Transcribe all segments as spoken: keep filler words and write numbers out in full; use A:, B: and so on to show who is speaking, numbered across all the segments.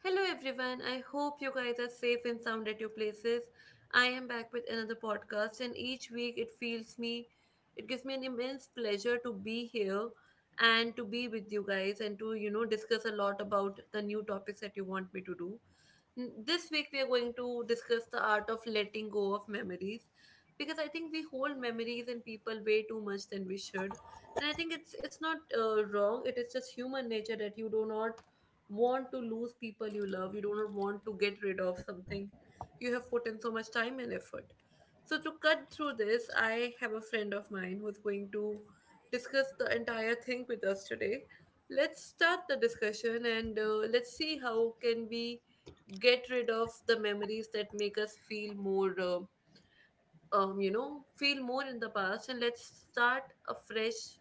A: Hello everyone, I hope you guys are safe and sound at your places. I am back with another podcast and each week it feels me it gives me an immense pleasure to be here and to be with you guys and to you know discuss a lot about the new topics that you want me to do. N- This week we are going to discuss the art of letting go of memories because I think we hold memories and people way too much than we should. And I think it's it's not uh, wrong. It is just human nature that you do not want to lose people you love. You do not want to get rid of something you have put in so much time and effort. So, to cut through this, I have a friend of mine who's going to discuss the entire thing with us today. Let's start the discussion and uh, let's see how can we get rid of the memories that make us feel more, uh, um, you know, feel more in the past. And let's start a fresh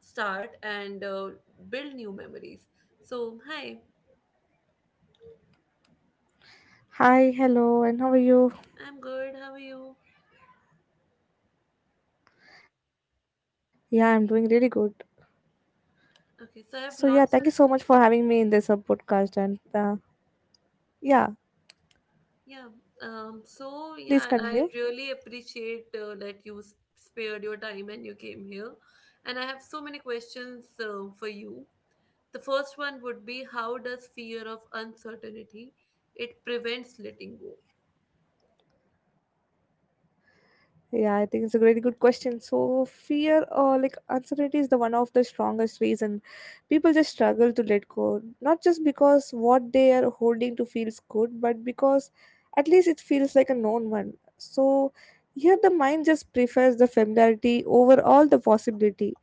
A: start and uh, build new memories. So, hi.
B: Hi, hello, and how are you?
A: I'm good. How are you?
B: Yeah, I'm doing really good. So, yeah,
A: Okay,
B: thank
A: so I
B: you so
A: have
B: much for
A: lots.
B: having me in this uh, podcast. And uh, yeah,
A: Yeah. Um. So
B: please
A: yeah,
B: continue.
A: I really appreciate uh, that you s- spared your time and you came here, and I have so many questions uh, for you. The first one would be, how does fear of uncertainty it prevents letting go?
B: Yeah, I think it's a really good question. So fear or like uncertainty is the one of the strongest reason people just struggle to let go. Not just because what they are holding to feels good, but because at least it feels like a known one. So here the mind just prefers the familiarity over all the possibility.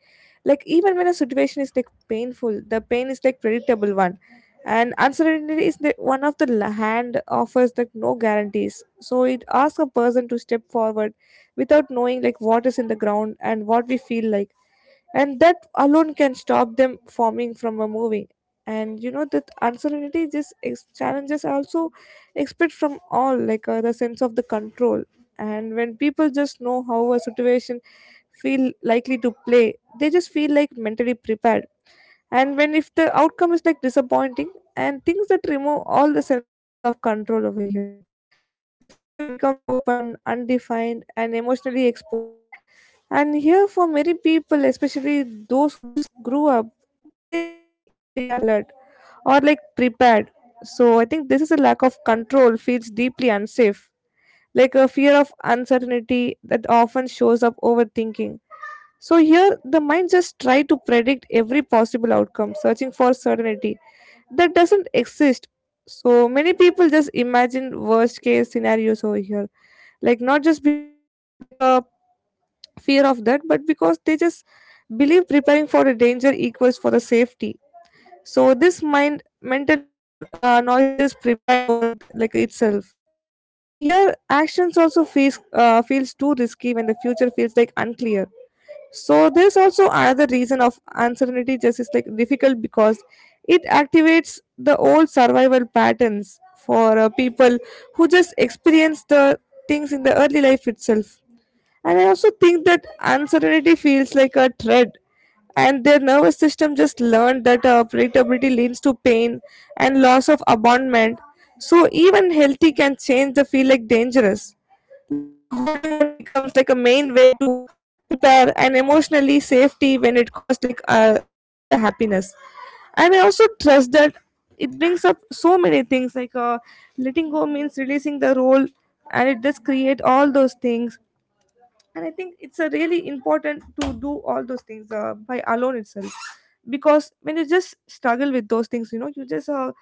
B: Like even when a situation is like painful, the pain is like predictable one. And uncertainty is the one of the la- hand offers like no guarantees. So it asks a person to step forward without knowing like what is in the ground and what we feel like, and that alone can stop them forming from a movie. And you know that uncertainty just ex- challenges are also expect from all like uh, the sense of the control. And when people just know how a situation feel likely to play, they just feel like mentally prepared. And when if the outcome is like disappointing and things that remove all the sense of control over here, like the future becomes open undefined and emotionally exposed. And here for many people especially those who just grew up, they just need to stay alert or like prepared. So I think this is a lack of control feels deeply unsafe, like a fear of uncertainty that often shows up overthinking. So here the mind just try to predict every possible outcome, searching for certainty that doesn't exist. So many people just imagine worst case scenarios over here. Like not just because they are like a fear of that, but because they just believe preparing for a danger equals for the safety. So this mind mental uh, noise just prepared over like itself. And here actions also feels uh, feels too risky when the future feels like unclear. So there's also another reason of uncertainty just is like difficult because it activates the old survival patterns for uh, people who just experience the things in the early life itself. And I also think that uncertainty feels like a threat, and their nervous system just learned that uh, predictability leads to pain and loss of abandonment. So even healthy can change the feel like dangerous. Like holding on becomes like a main way to prepare and emotionally safety when it costs like uh, all the happiness. And I also trust that it brings up so many things like uh, letting go means releasing the role, and it does create all those things. And I think it's a really important to do all those things uh, by alone itself, because when you just struggle with those things you know you just uh,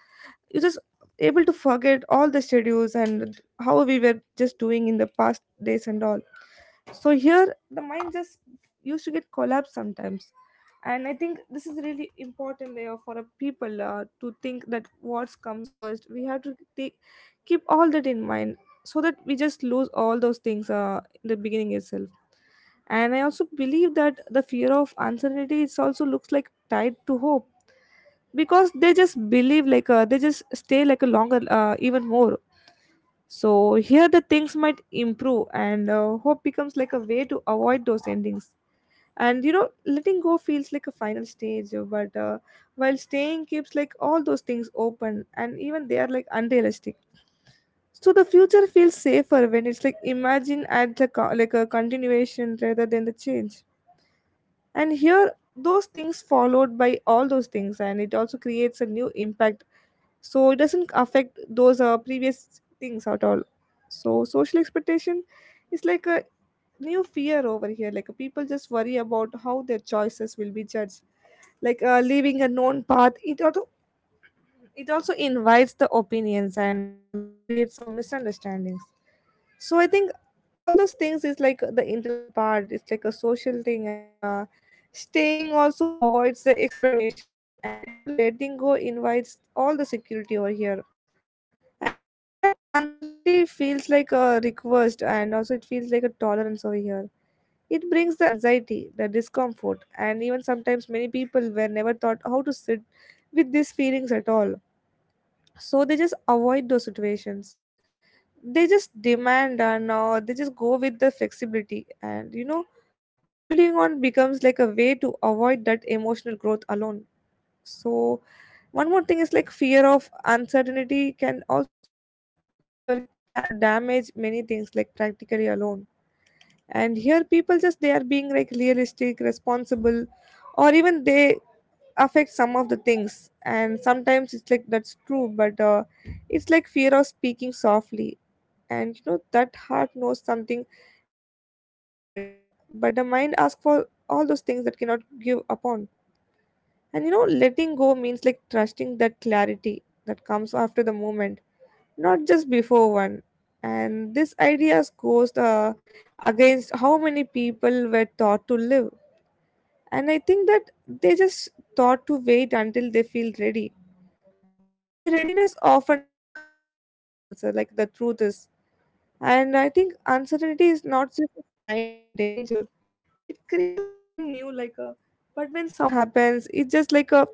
B: you just able to forget all the schedules and how we were just doing in the past days and all. So here the mind just used to get collapsed sometimes. And I think this is really important layer for a people uh, to think that what comes first we have to take keep all that in mind, so that we just lose all those things uh, in the beginning itself. And I also believe that the fear of uncertainty is also looks like tied to hope, because they just believe like uh, they just stay like a longer uh, even more. So here the things might improve, and uh, hope becomes like a way to avoid those endings. And you know letting go feels like a final stage uh, but uh, while staying keeps like all those things open and even they are like unrealistic. So the future feels safer when it's like imagine at the co- like a continuation rather than the change. And here those things followed by all those things and it also creates a new impact, so it doesn't affect those uh, previous things at all. So social expectation is like a new fear over here. Like uh, people just worry about how their choices will be judged. Like uh, leaving a known path, it also it also invites the opinions and also it creates some misunderstandings. So I think all those things is like the internal part, it's like a social thing. And uh, staying also avoids the explanation, and you know letting go invites all the security over here. And uh, that uncertainty feels like a request and also it feels like a tolerance over here. It brings the anxiety the discomfort, and even sometimes many people were never taught how to sit with these feelings at all. So they just avoid those situations. They just demand, and uh, they just go with the flexibility. And you know holding on becomes like a way to avoid that emotional growth alone. So one more thing is like fear of uncertainty can also like uh, it can damage many things like practically alone. And here people just they are being like realistic responsible, or even they affect some of the things. And sometimes it's like that's true but uh, it's like fear of speaking softly. And you know that heart knows something has even ended, but the mind asks for all those things that cannot give upon. And you know letting go means like trusting that clarity that comes after the moment, not just before one. And this idea goes uh, against how many people were taught to live. And I think that they just thought to wait until they feel ready, but the readiness often comes through the actions uh, like the truth is. And I think uncertainty is not just a sign of danger, it creates something new like a but when someone just happens it's just like a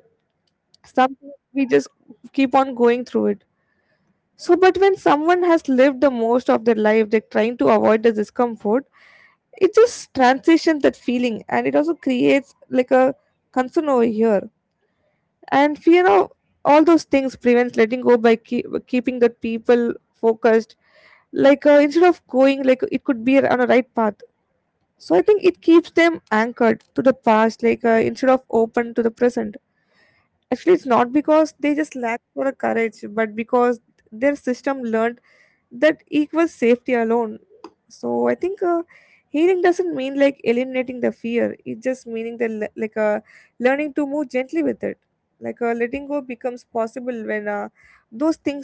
B: something we just keep on going through it. So but when someone has lived the most of their life they're trying to avoid the discomfort, it just transitions that feeling and it also creates like a concern over here. And fear of all those things prevents letting go by keep, keeping the people focused. Like uh, instead of going like it could be on a right path. So I think it keeps them anchored to the past, like uh, instead of open to the present. Actually it's not because they just lack for a courage, but because their system learned that equals safety alone. So I think uh, healing doesn't mean like eliminating the fear, it just meaning the le- like uh, learning to move gently with it. Like uh, letting go becomes possible when uh, those things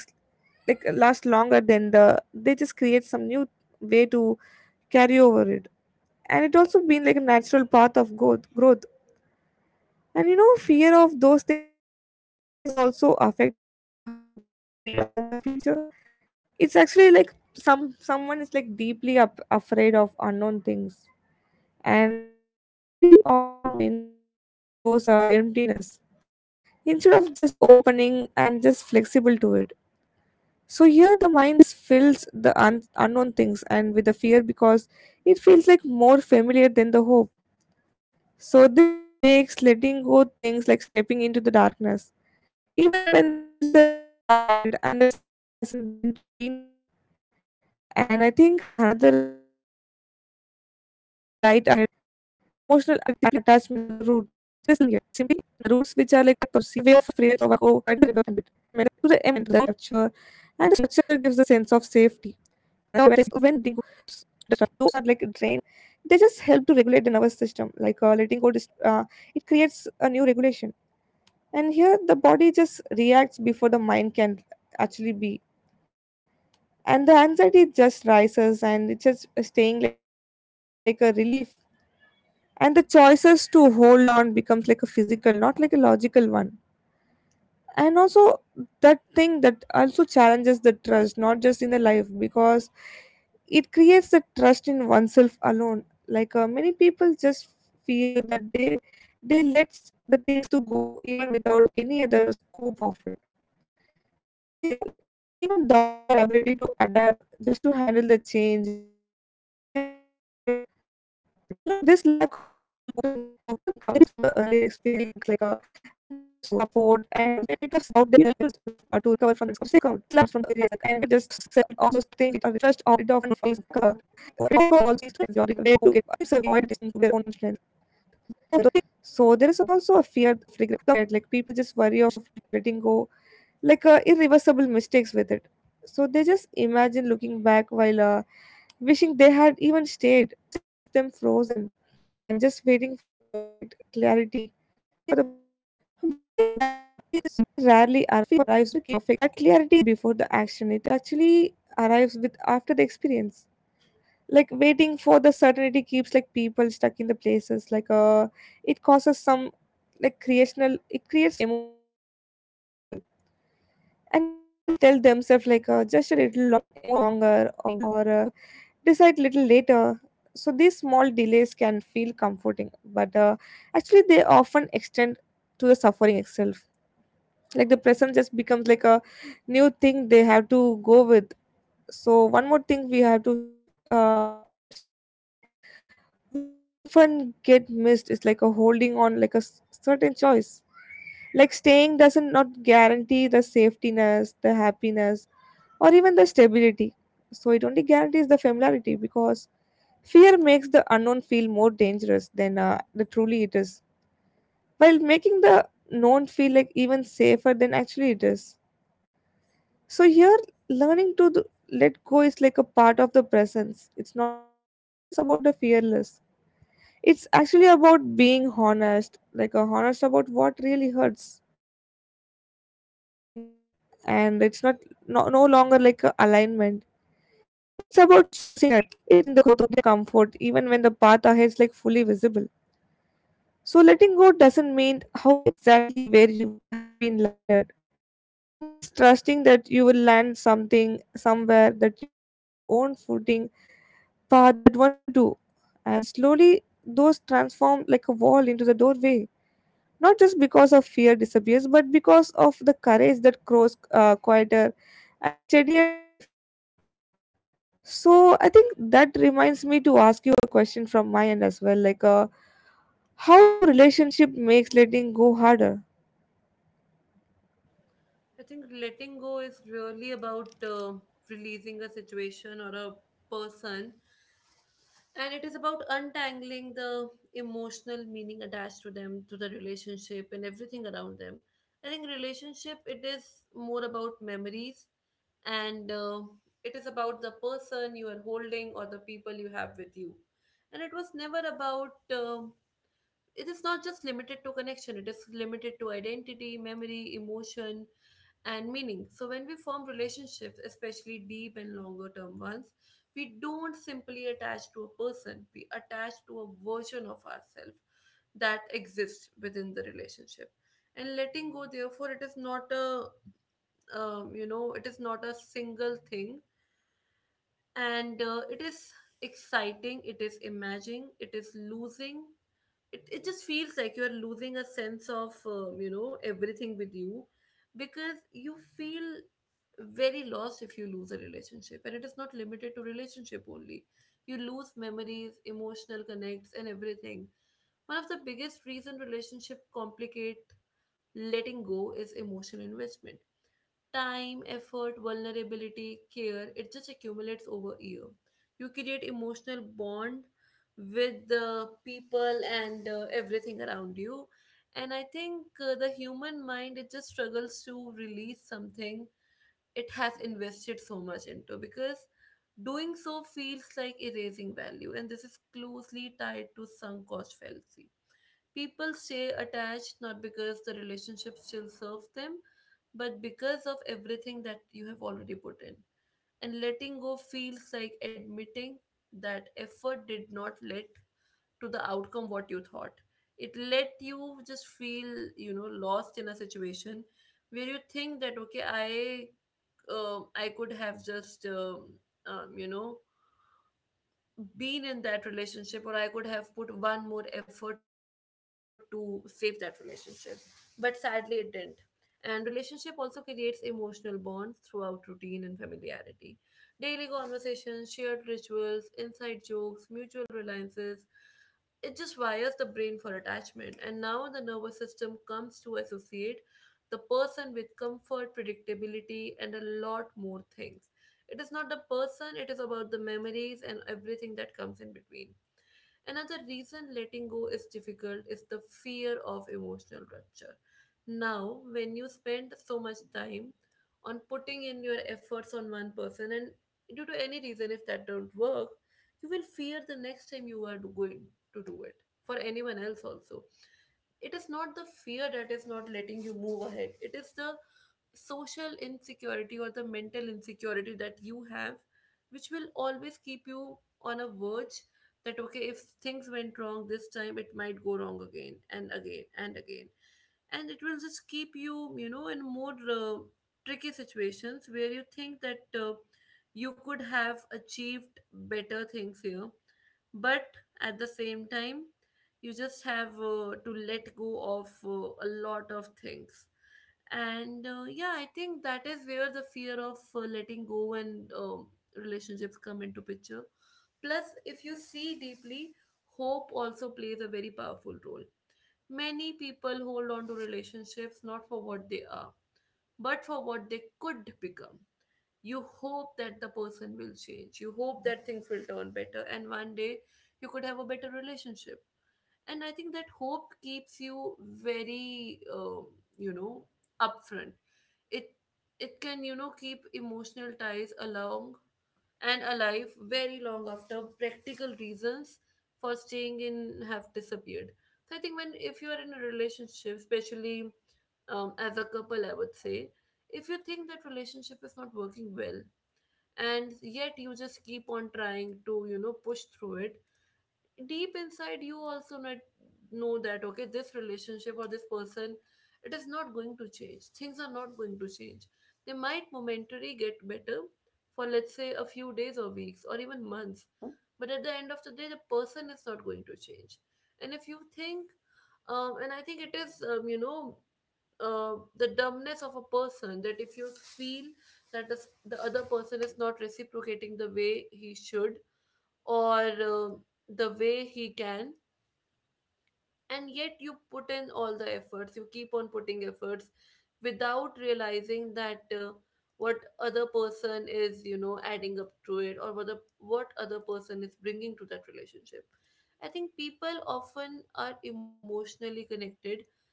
B: like uh, last longer than the they just create some new way to carry over it. And it also been like a natural path of growth growth. And you know fear of those things also affect how people imagine the future. It's actually like some someone is like deeply up, afraid of unknown things, and they are actually often many those are emptiness instead of just opening and just flexible to it. So here the mind just fills the un- unknown things and with the fear, because it feels like more familiar than the hope. So this makes letting go things like stepping into the darkness, even when there is the light ahead and that simply hasn't been to seen yet. And I think another way of those things prevents like letting go through the emotional attachment to the roots. And the roots which are like provided the structure, and the structure gives a sense of safety. And you know, when those roots are like draining or also limiting, they just help to regulate the nervous system. Like uh, letting go, dis- uh, it creates a new regulation. And here the body just reacts before the mind can actually be, and the anxiety just rises and it's just staying like a relief. And the choices to hold on becomes like a physical not like a logical one. And also that thing that also challenges the trust not just in the life, because it creates the trust in oneself alone. Like uh, many people just fear that they they let the things to go even without any other scope of it, and they even doubt their ability to adapt just to handle the change or to recover from the discomfort. You know this lack of self trust often comes from the earlier experience. Like uh, where to support and where to just all those things to get uh, rid of it. Like holding on becomes a way to avoid the testings with their own strength. So there is also a fear of regret. Like people just worry of letting go like uh, irreversible mistakes with it. So they just imagine looking back while uh, wishing they had even stayed. So this fear keeps them frozen and just waiting for the perfect clarity. But I think that clarity rarely arrives before the action. It actually arrives with after the experience. Like waiting for the certainty keeps like people stuck in the places. Like uh, it causes some like creational. It creates some emotional uh, bargaining with the people. And you know people tell themselves like uh, just a little longer or uh, decide little later. So these small delays can feel comforting but uh, actually they often extend to the suffering itself, like the present just becomes like a new thing they have to go with. So one more thing we have to sh- uh, I have to share is like what often get missed is like a holding on like a s- certain choice, like staying doesn't not guarantee the safetyness, the happiness, or even the stability. So it only guarantees the familiarity because fear makes the unknown feel more dangerous than uh, the truly it is, while making the known feel like even safer than actually it is. So here, learning to th- let go is like a part of the presence. It's not just about the fearless. It's actually about being honest, like a honest about what really hurts, like what has been ended, and it's not no, no longer like a alignment. It's about choosing the growth over comfort, even when the path ahead is like fully visible. So letting go doesn't mean how exactly where you have been landed. It means trusting that you will land something somewhere that you find your own footing path that once you do. And slowly, those transform like a wall into the doorway. Not just because of fear disappears, but because of the courage that grows uh, quieter and steadier than the fear. So I think that reminds me to ask you a question from my end as well. Like, uh, how do relationship makes letting go harder?
A: I think letting go is really about uh, releasing a situation or a person, and it is about untangling the emotional meaning attached to them, to the relationship and everything around them. I think relationship, it is more about memories, and uh, it is about the person you are holding or the people you have with you. And it was never about um it is not just limited to connection, it is limited to identity, memory, emotion and meaning. So when we form relationships, especially deep and longer term ones, we don't simply attach to a person, we attach to a version of ourselves that exists within the relationship. And letting go, therefore, it is not a um, you know it is not a single thing. And uh, it is exciting, it is imagining, it is losing. It, it just feels like you're losing a sense of um, you know everything with you, because you feel very lost if you lose a relationship. And it is not limited to relationship only. You lose memories, emotional connects and everything. One of the biggest reason relationship complicate letting go is emotional investment. Time, effort, vulnerability, care, it just accumulates over year. You create emotional bond with the people and uh, everything around you. And I think uh, the human mind, it just struggles to release something it has invested so much into, because doing so feels like erasing value. And this is closely tied to sunk cost fallacy. People stay attached not because the relationship still serves them, but because of everything that you have already put in. And letting go feels like admitting that effort did not lead to the outcome what you thought. It let you just feel, you know, lost in a situation where you think that okay, I, um I could have just, um, um, you know, been in that relationship, or I could have put one more effort to save that relationship. But sadly, it didn't. And relationship also creates emotional bonds throughout routine and familiarity, daily conversations, shared rituals, inside jokes, mutual reliances. It just wires the brain for attachment, and now the nervous system comes to associate the person with comfort, predictability and a lot more things. It is not the person, it is about the memories and everything that comes in between. Another reason letting go is difficult is the fear of emotional rupture. Now, when you spend so much time on putting in your efforts on one person, and due to any reason, if that don't work, you will fear the next time you are going to do it for anyone else also. It is not the fear that is not letting you move ahead, it is the social insecurity or the mental insecurity that you have, which will always keep you on a verge that okay, if things went wrong this time, it might go wrong again and again and again. And it will just keep you, you know, in more uh, tricky situations where you think that uh, you could have achieved better things here, but at the same time, you just have uh, to let go of uh, a lot of things. And uh, yeah, I think that is where the fear of uh, letting go and um relationships come into picture. Plus, if you see deeply, hope also plays a very powerful role. Many people hold on to relationships not for what they are, but for what they could become. You hope that the person will change. You hope that things will turn better, and one day you could have a better relationship. And I think that hope keeps you very, um, you know, upfront. It it can, you know, keep emotional ties along and alive very long after practical reasons for staying in have disappeared. So I think when if you are in a relationship, especially um, as a couple, I would say, if you think that relationship is not working well and yet you just keep on trying to, you know, push through it, deep inside you also not know that okay, this relationship or this person, it is not going to change, things are not going to change. They might momentarily get better for let's say a few days or weeks or even months, but at the end of the day, the person is not going to change. And if you think um, and I think it is um, you know uh, the dumbness of a person, that if you feel that this, the other person is not reciprocating the way he should, or uh, the way he can, and yet you put in all the efforts, you keep on putting efforts without realizing that uh, what other person is, you know, adding up to it, or what the, what other person is bringing to that relationship. I think people often are emotionally connected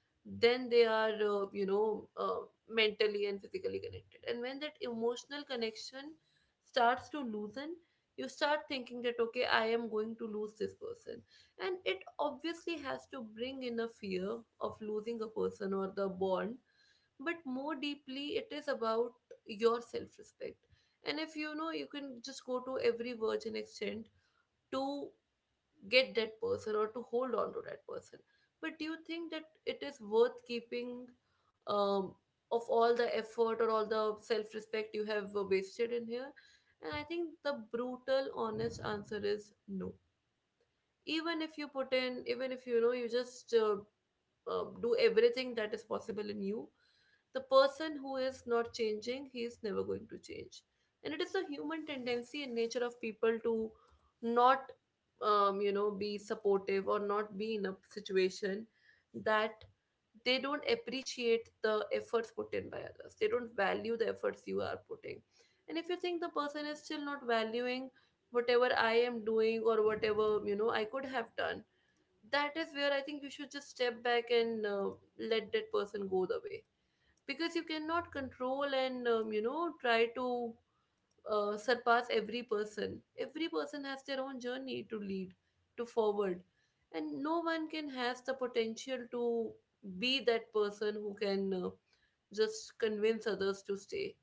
A: then they are uh, you know uh, mentally and physically connected. And when that emotional connection starts to loosen, you start thinking that okay, I am going to lose this person. And it obviously has to bring in a fear of losing a person or the bond, but more deeply, it is about your self respect. And if you know you can just go to every virgin extent to get that person or to hold on to that person, but do you think that it is worth keeping, um, of all the effort or all the self respect you have uh, wasted in here? And I think the brutal honest answer is no. Even if you put in, even if you know you just uh, uh, do everything that is possible in you, the person who is not changing, he is never going to change. And it is a human tendency and nature of people to not um, you know be supportive, or not be in a situation that they don't appreciate the efforts put in by others, they don't value the efforts you are putting. And if you think the person is still not valuing whatever I am doing or whatever, you know, I could have done, that is where I think you should just step back and uh, let that person go the way, because you cannot control and, um, you know, try to uh, surpass every person. Every person has their own journey to lead to forward, and no one can has the potential to be that person who can, uh, just convince others to stay.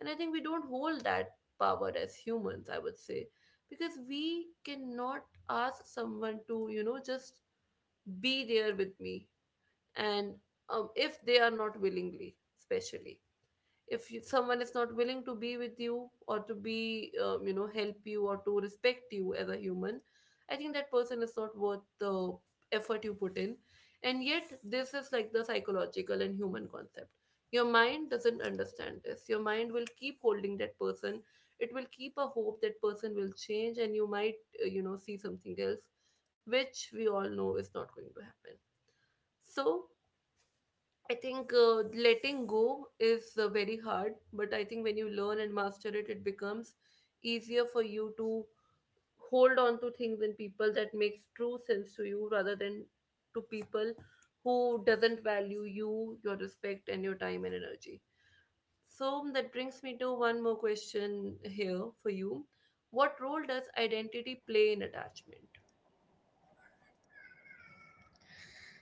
A: And I think we don't hold that power as humans, I would say, because we cannot ask someone to, you know, just be there with me. And um, if they are not willingly, especially if you, someone is not willing to be with you or to be, um, you know, help you or to respect you as a human, I think that person is not worth the effort you put in. And yet this is like the psychological and human concept. Your mind doesn't understand this. Your mind will keep holding that person. It will keep a hope that person will change, and you might, uh, you know, see something else, which we all know is not going to happen. So I think uh, letting go is uh, very hard, but I think when you learn and master it, it becomes easier for you to hold on to things and people that makes true sense to you, rather than to people who doesn't value you, your respect, and your time and energy. So that brings me to one more question here for you. What role does identity play in attachment?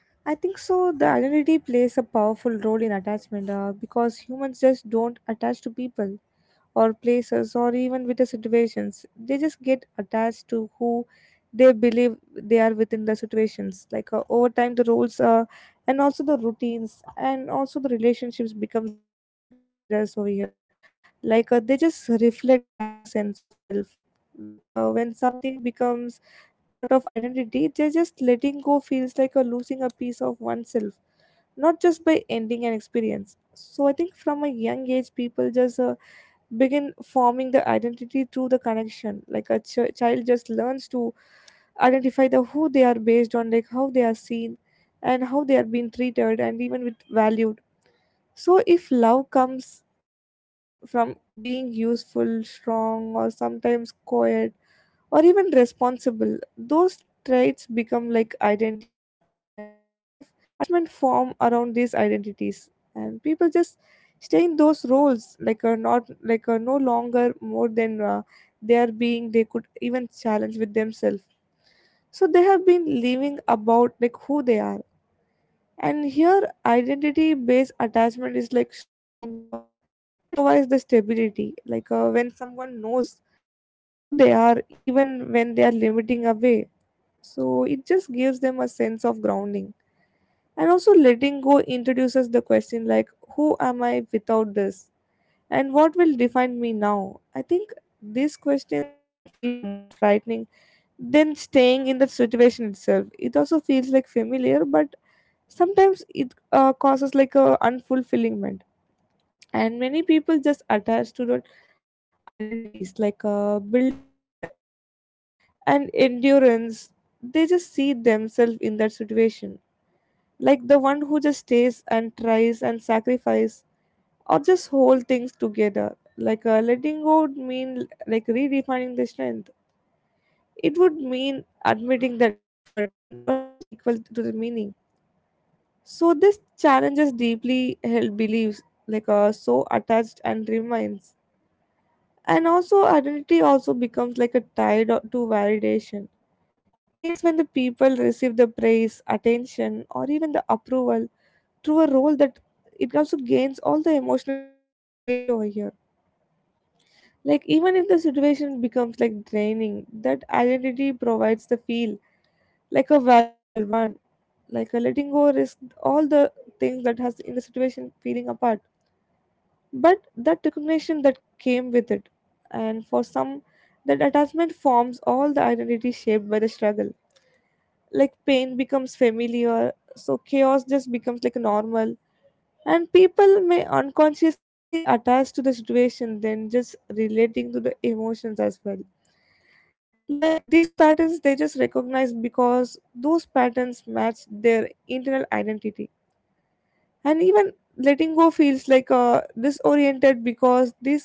B: I think so. The identity plays a powerful role in attachment uh, because humans just don't attach to people or places or even with the situations. They just get attached to who they believe they are within the situations. Like uh, over time, the roles uh, and also the routines and also the relationships becomes like mirrors over here. Like uh, they just reflect back a sense of self. Like uh, when something becomes part of identity, they just letting go feels like a losing a piece of oneself, not just by ending an experience. So I think from a young age, people just uh, begin forming the identity through the connection like a ch- child just learns to identify the who they are based on like how they are seen and how they are being treated and even with valued. So if love comes from being useful, strong, or sometimes quiet, or even responsible, those traits become like identity. And later in life, attachment form around these identities, and people just stay in those roles like are not like are no longer more than uh, their being they could even challenge with themselves. So they have been living about like who they are. And here identity based attachment is like strong because it provides the stability. Like uh, when someone knows who they are even when they are limiting away, so it just gives them a sense of grounding. And also, letting go introduces the question like, who am I without this? And what will define me now? I think these questions can feel more frightening than staying in the situation itself. It also feels like familiar, but sometimes it uh, causes like a unfulfillment. And many people just attach to that identities like uh, built around the effort and endurance. They just see themselves in that situation like the one who just stays and tries and sacrifice or just hold things together. Like uh, letting go would mean like redefining the strength. It would mean admitting that effort doesn't always equal to the meaning. So this challenges deeply held beliefs, like uh, so attached and remains. And also identity also becomes like a tied o- to validation it creates when the people receive the praise, attention, or even the approval through a role that it also gains all the emotional weight over here. Like even if the situation becomes like draining, that identity provides the feel like a valuable one. Like a letting go risk all the things that has in the situation feeling apart. But that recognition that came with it. And for some that attachment forms all the identity shaped by the struggle. Like pain becomes familiar, so chaos just becomes like normal, and people may unconsciously attach to the situation then just relating to the emotions as well. Like these patterns they just recognize because those patterns match their internal identity. And even letting go feels like uh, disoriented because these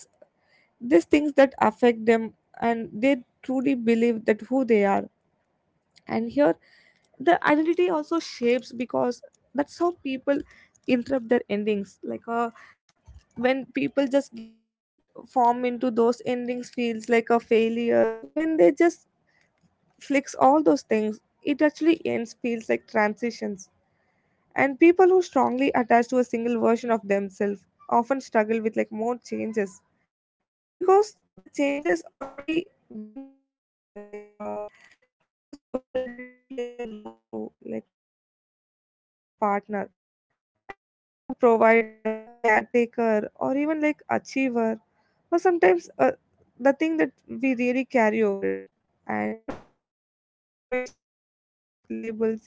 B: these things that affect them and they truly believe that who they are. And here the identity also shapes because that's how people interrupt their endings. Like uh, when people just get form into those endings feels like a failures, when they just flicks all those things it actually ends feels like transitions. And people who strongly attach to a single version of themselves often struggle with like more changes because the changes already been settled over there. Like uh, how the social identity plays a role too, like it also labels like a partner and also like a provider, a caretaker, or even like achiever, or sometimes uh, the thing that we really carry over it. And you know letting go of situation tied to these labels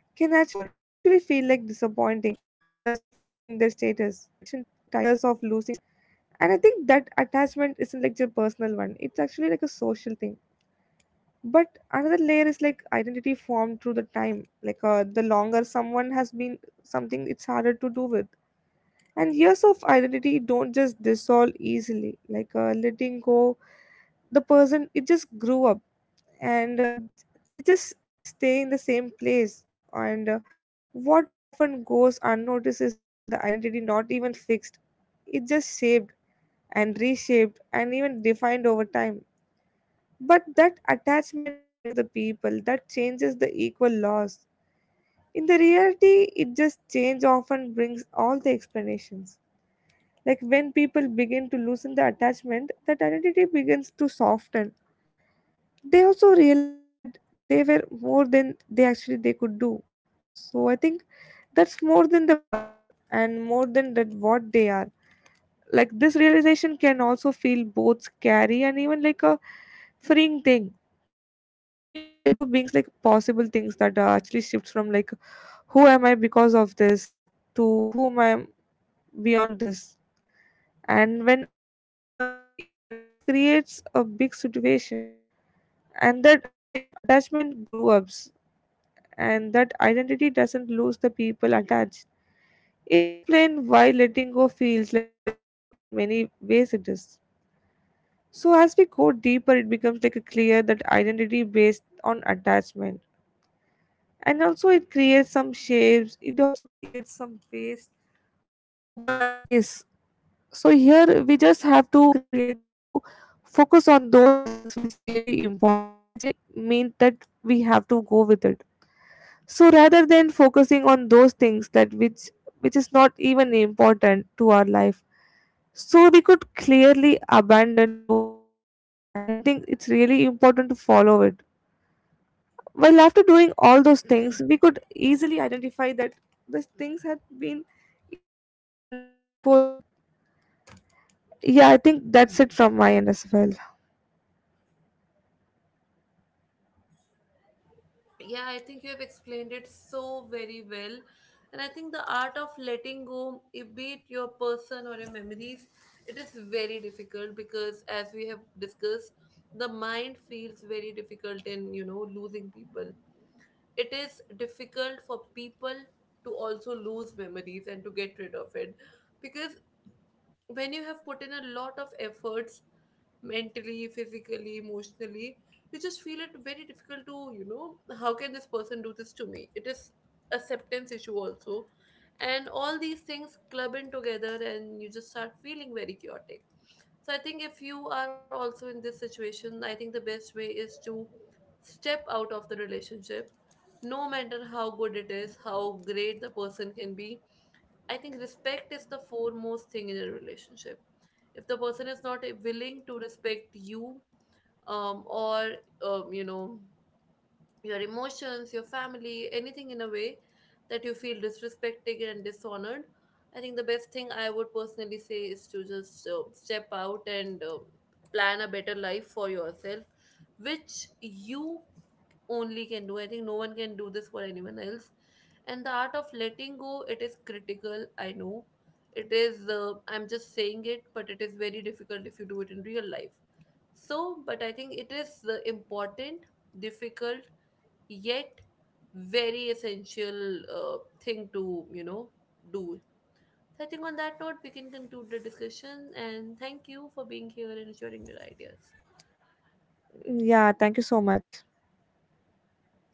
B: can actually feel like disappointing others of losing their status. And I think that attachment isn't like your personal one, it's actually like a social thing. But another layer is like identity formed through the time. Like uh, the longer someone has been something it's harder to do with. And years of identity don't just dissolve easily. Like uh, letting go the person it just grew up and uh, it just stay in the same place and uh, what often goes unnoticed is that the identity not even fixed. It just shaped and reshaped and even defined over time. But that attachment convinces the people that changes the equal laws. In the reality it just change often brings all the explanations. Like when people begin to loosen the attachment that identity begins to soften, they also realized that they were more than they actually they could do. So I think that's more than the past and more than that what they are. Like this realization can also feel both scary and even like a freeing thing. And you know letting go brings like possible things that uh, actually shifts from like who am I because of this to whom I am beyond this. And when identity becomes like internal this creates a big situation. And that atta- attachment grew up and that identity doesn't lose the people attached. It explains why letting go feels like personal, just because in many ways it is. So as we go deeper, it becomes like a clear that identity based on attachment. And also it creates some shapes, it also creates some ways to open a new space. So here we just have to focus on those things which really important and which really mean that we have to go with it. So rather than focusing on those things that which which is not even important to our life, so we could clearly abandon those things. And I think it's really important to follow it, while after doing all those things we could easily identify that these things had been easily then before it. Yeah, I think that's it from my end as well.
A: Yeah, I think you have explained it so very well. And I think the art of letting go, if be it your person or your memories, it is very difficult because, as we have discussed, the mind feels very difficult in, you know, losing people. It is difficult for people to also lose memories and to get rid of it, because when you have put in a lot of efforts mentally, physically, emotionally. You just feel it very difficult to, you know, how can this person do this to me? It is acceptance issue also. And all these things club in together and you just start feeling very chaotic. So I think if you are also in this situation, I think the best way is to step out of the relationship, no matter how good it is, how great the person can be. I think respect is the foremost thing in a relationship. If the person is not willing to respect you, um, or um, you know, your emotions, your family, anything in a way that you feel disrespected and dishonored, I think the best thing I would personally say is to just uh, step out and uh, plan a better life for yourself, which you only can do. I think no one can do this for anyone else. And the art of letting go, it is critical. I know it is, uh, I'm just saying it, but it is very difficult if you do it in real life. So, but I think it is uh, important, difficult, yet very essential uh, thing to, you know, do. So I think on that note, we can conclude the discussion and thank you for being here and sharing your ideas.
B: Yeah, thank you so much.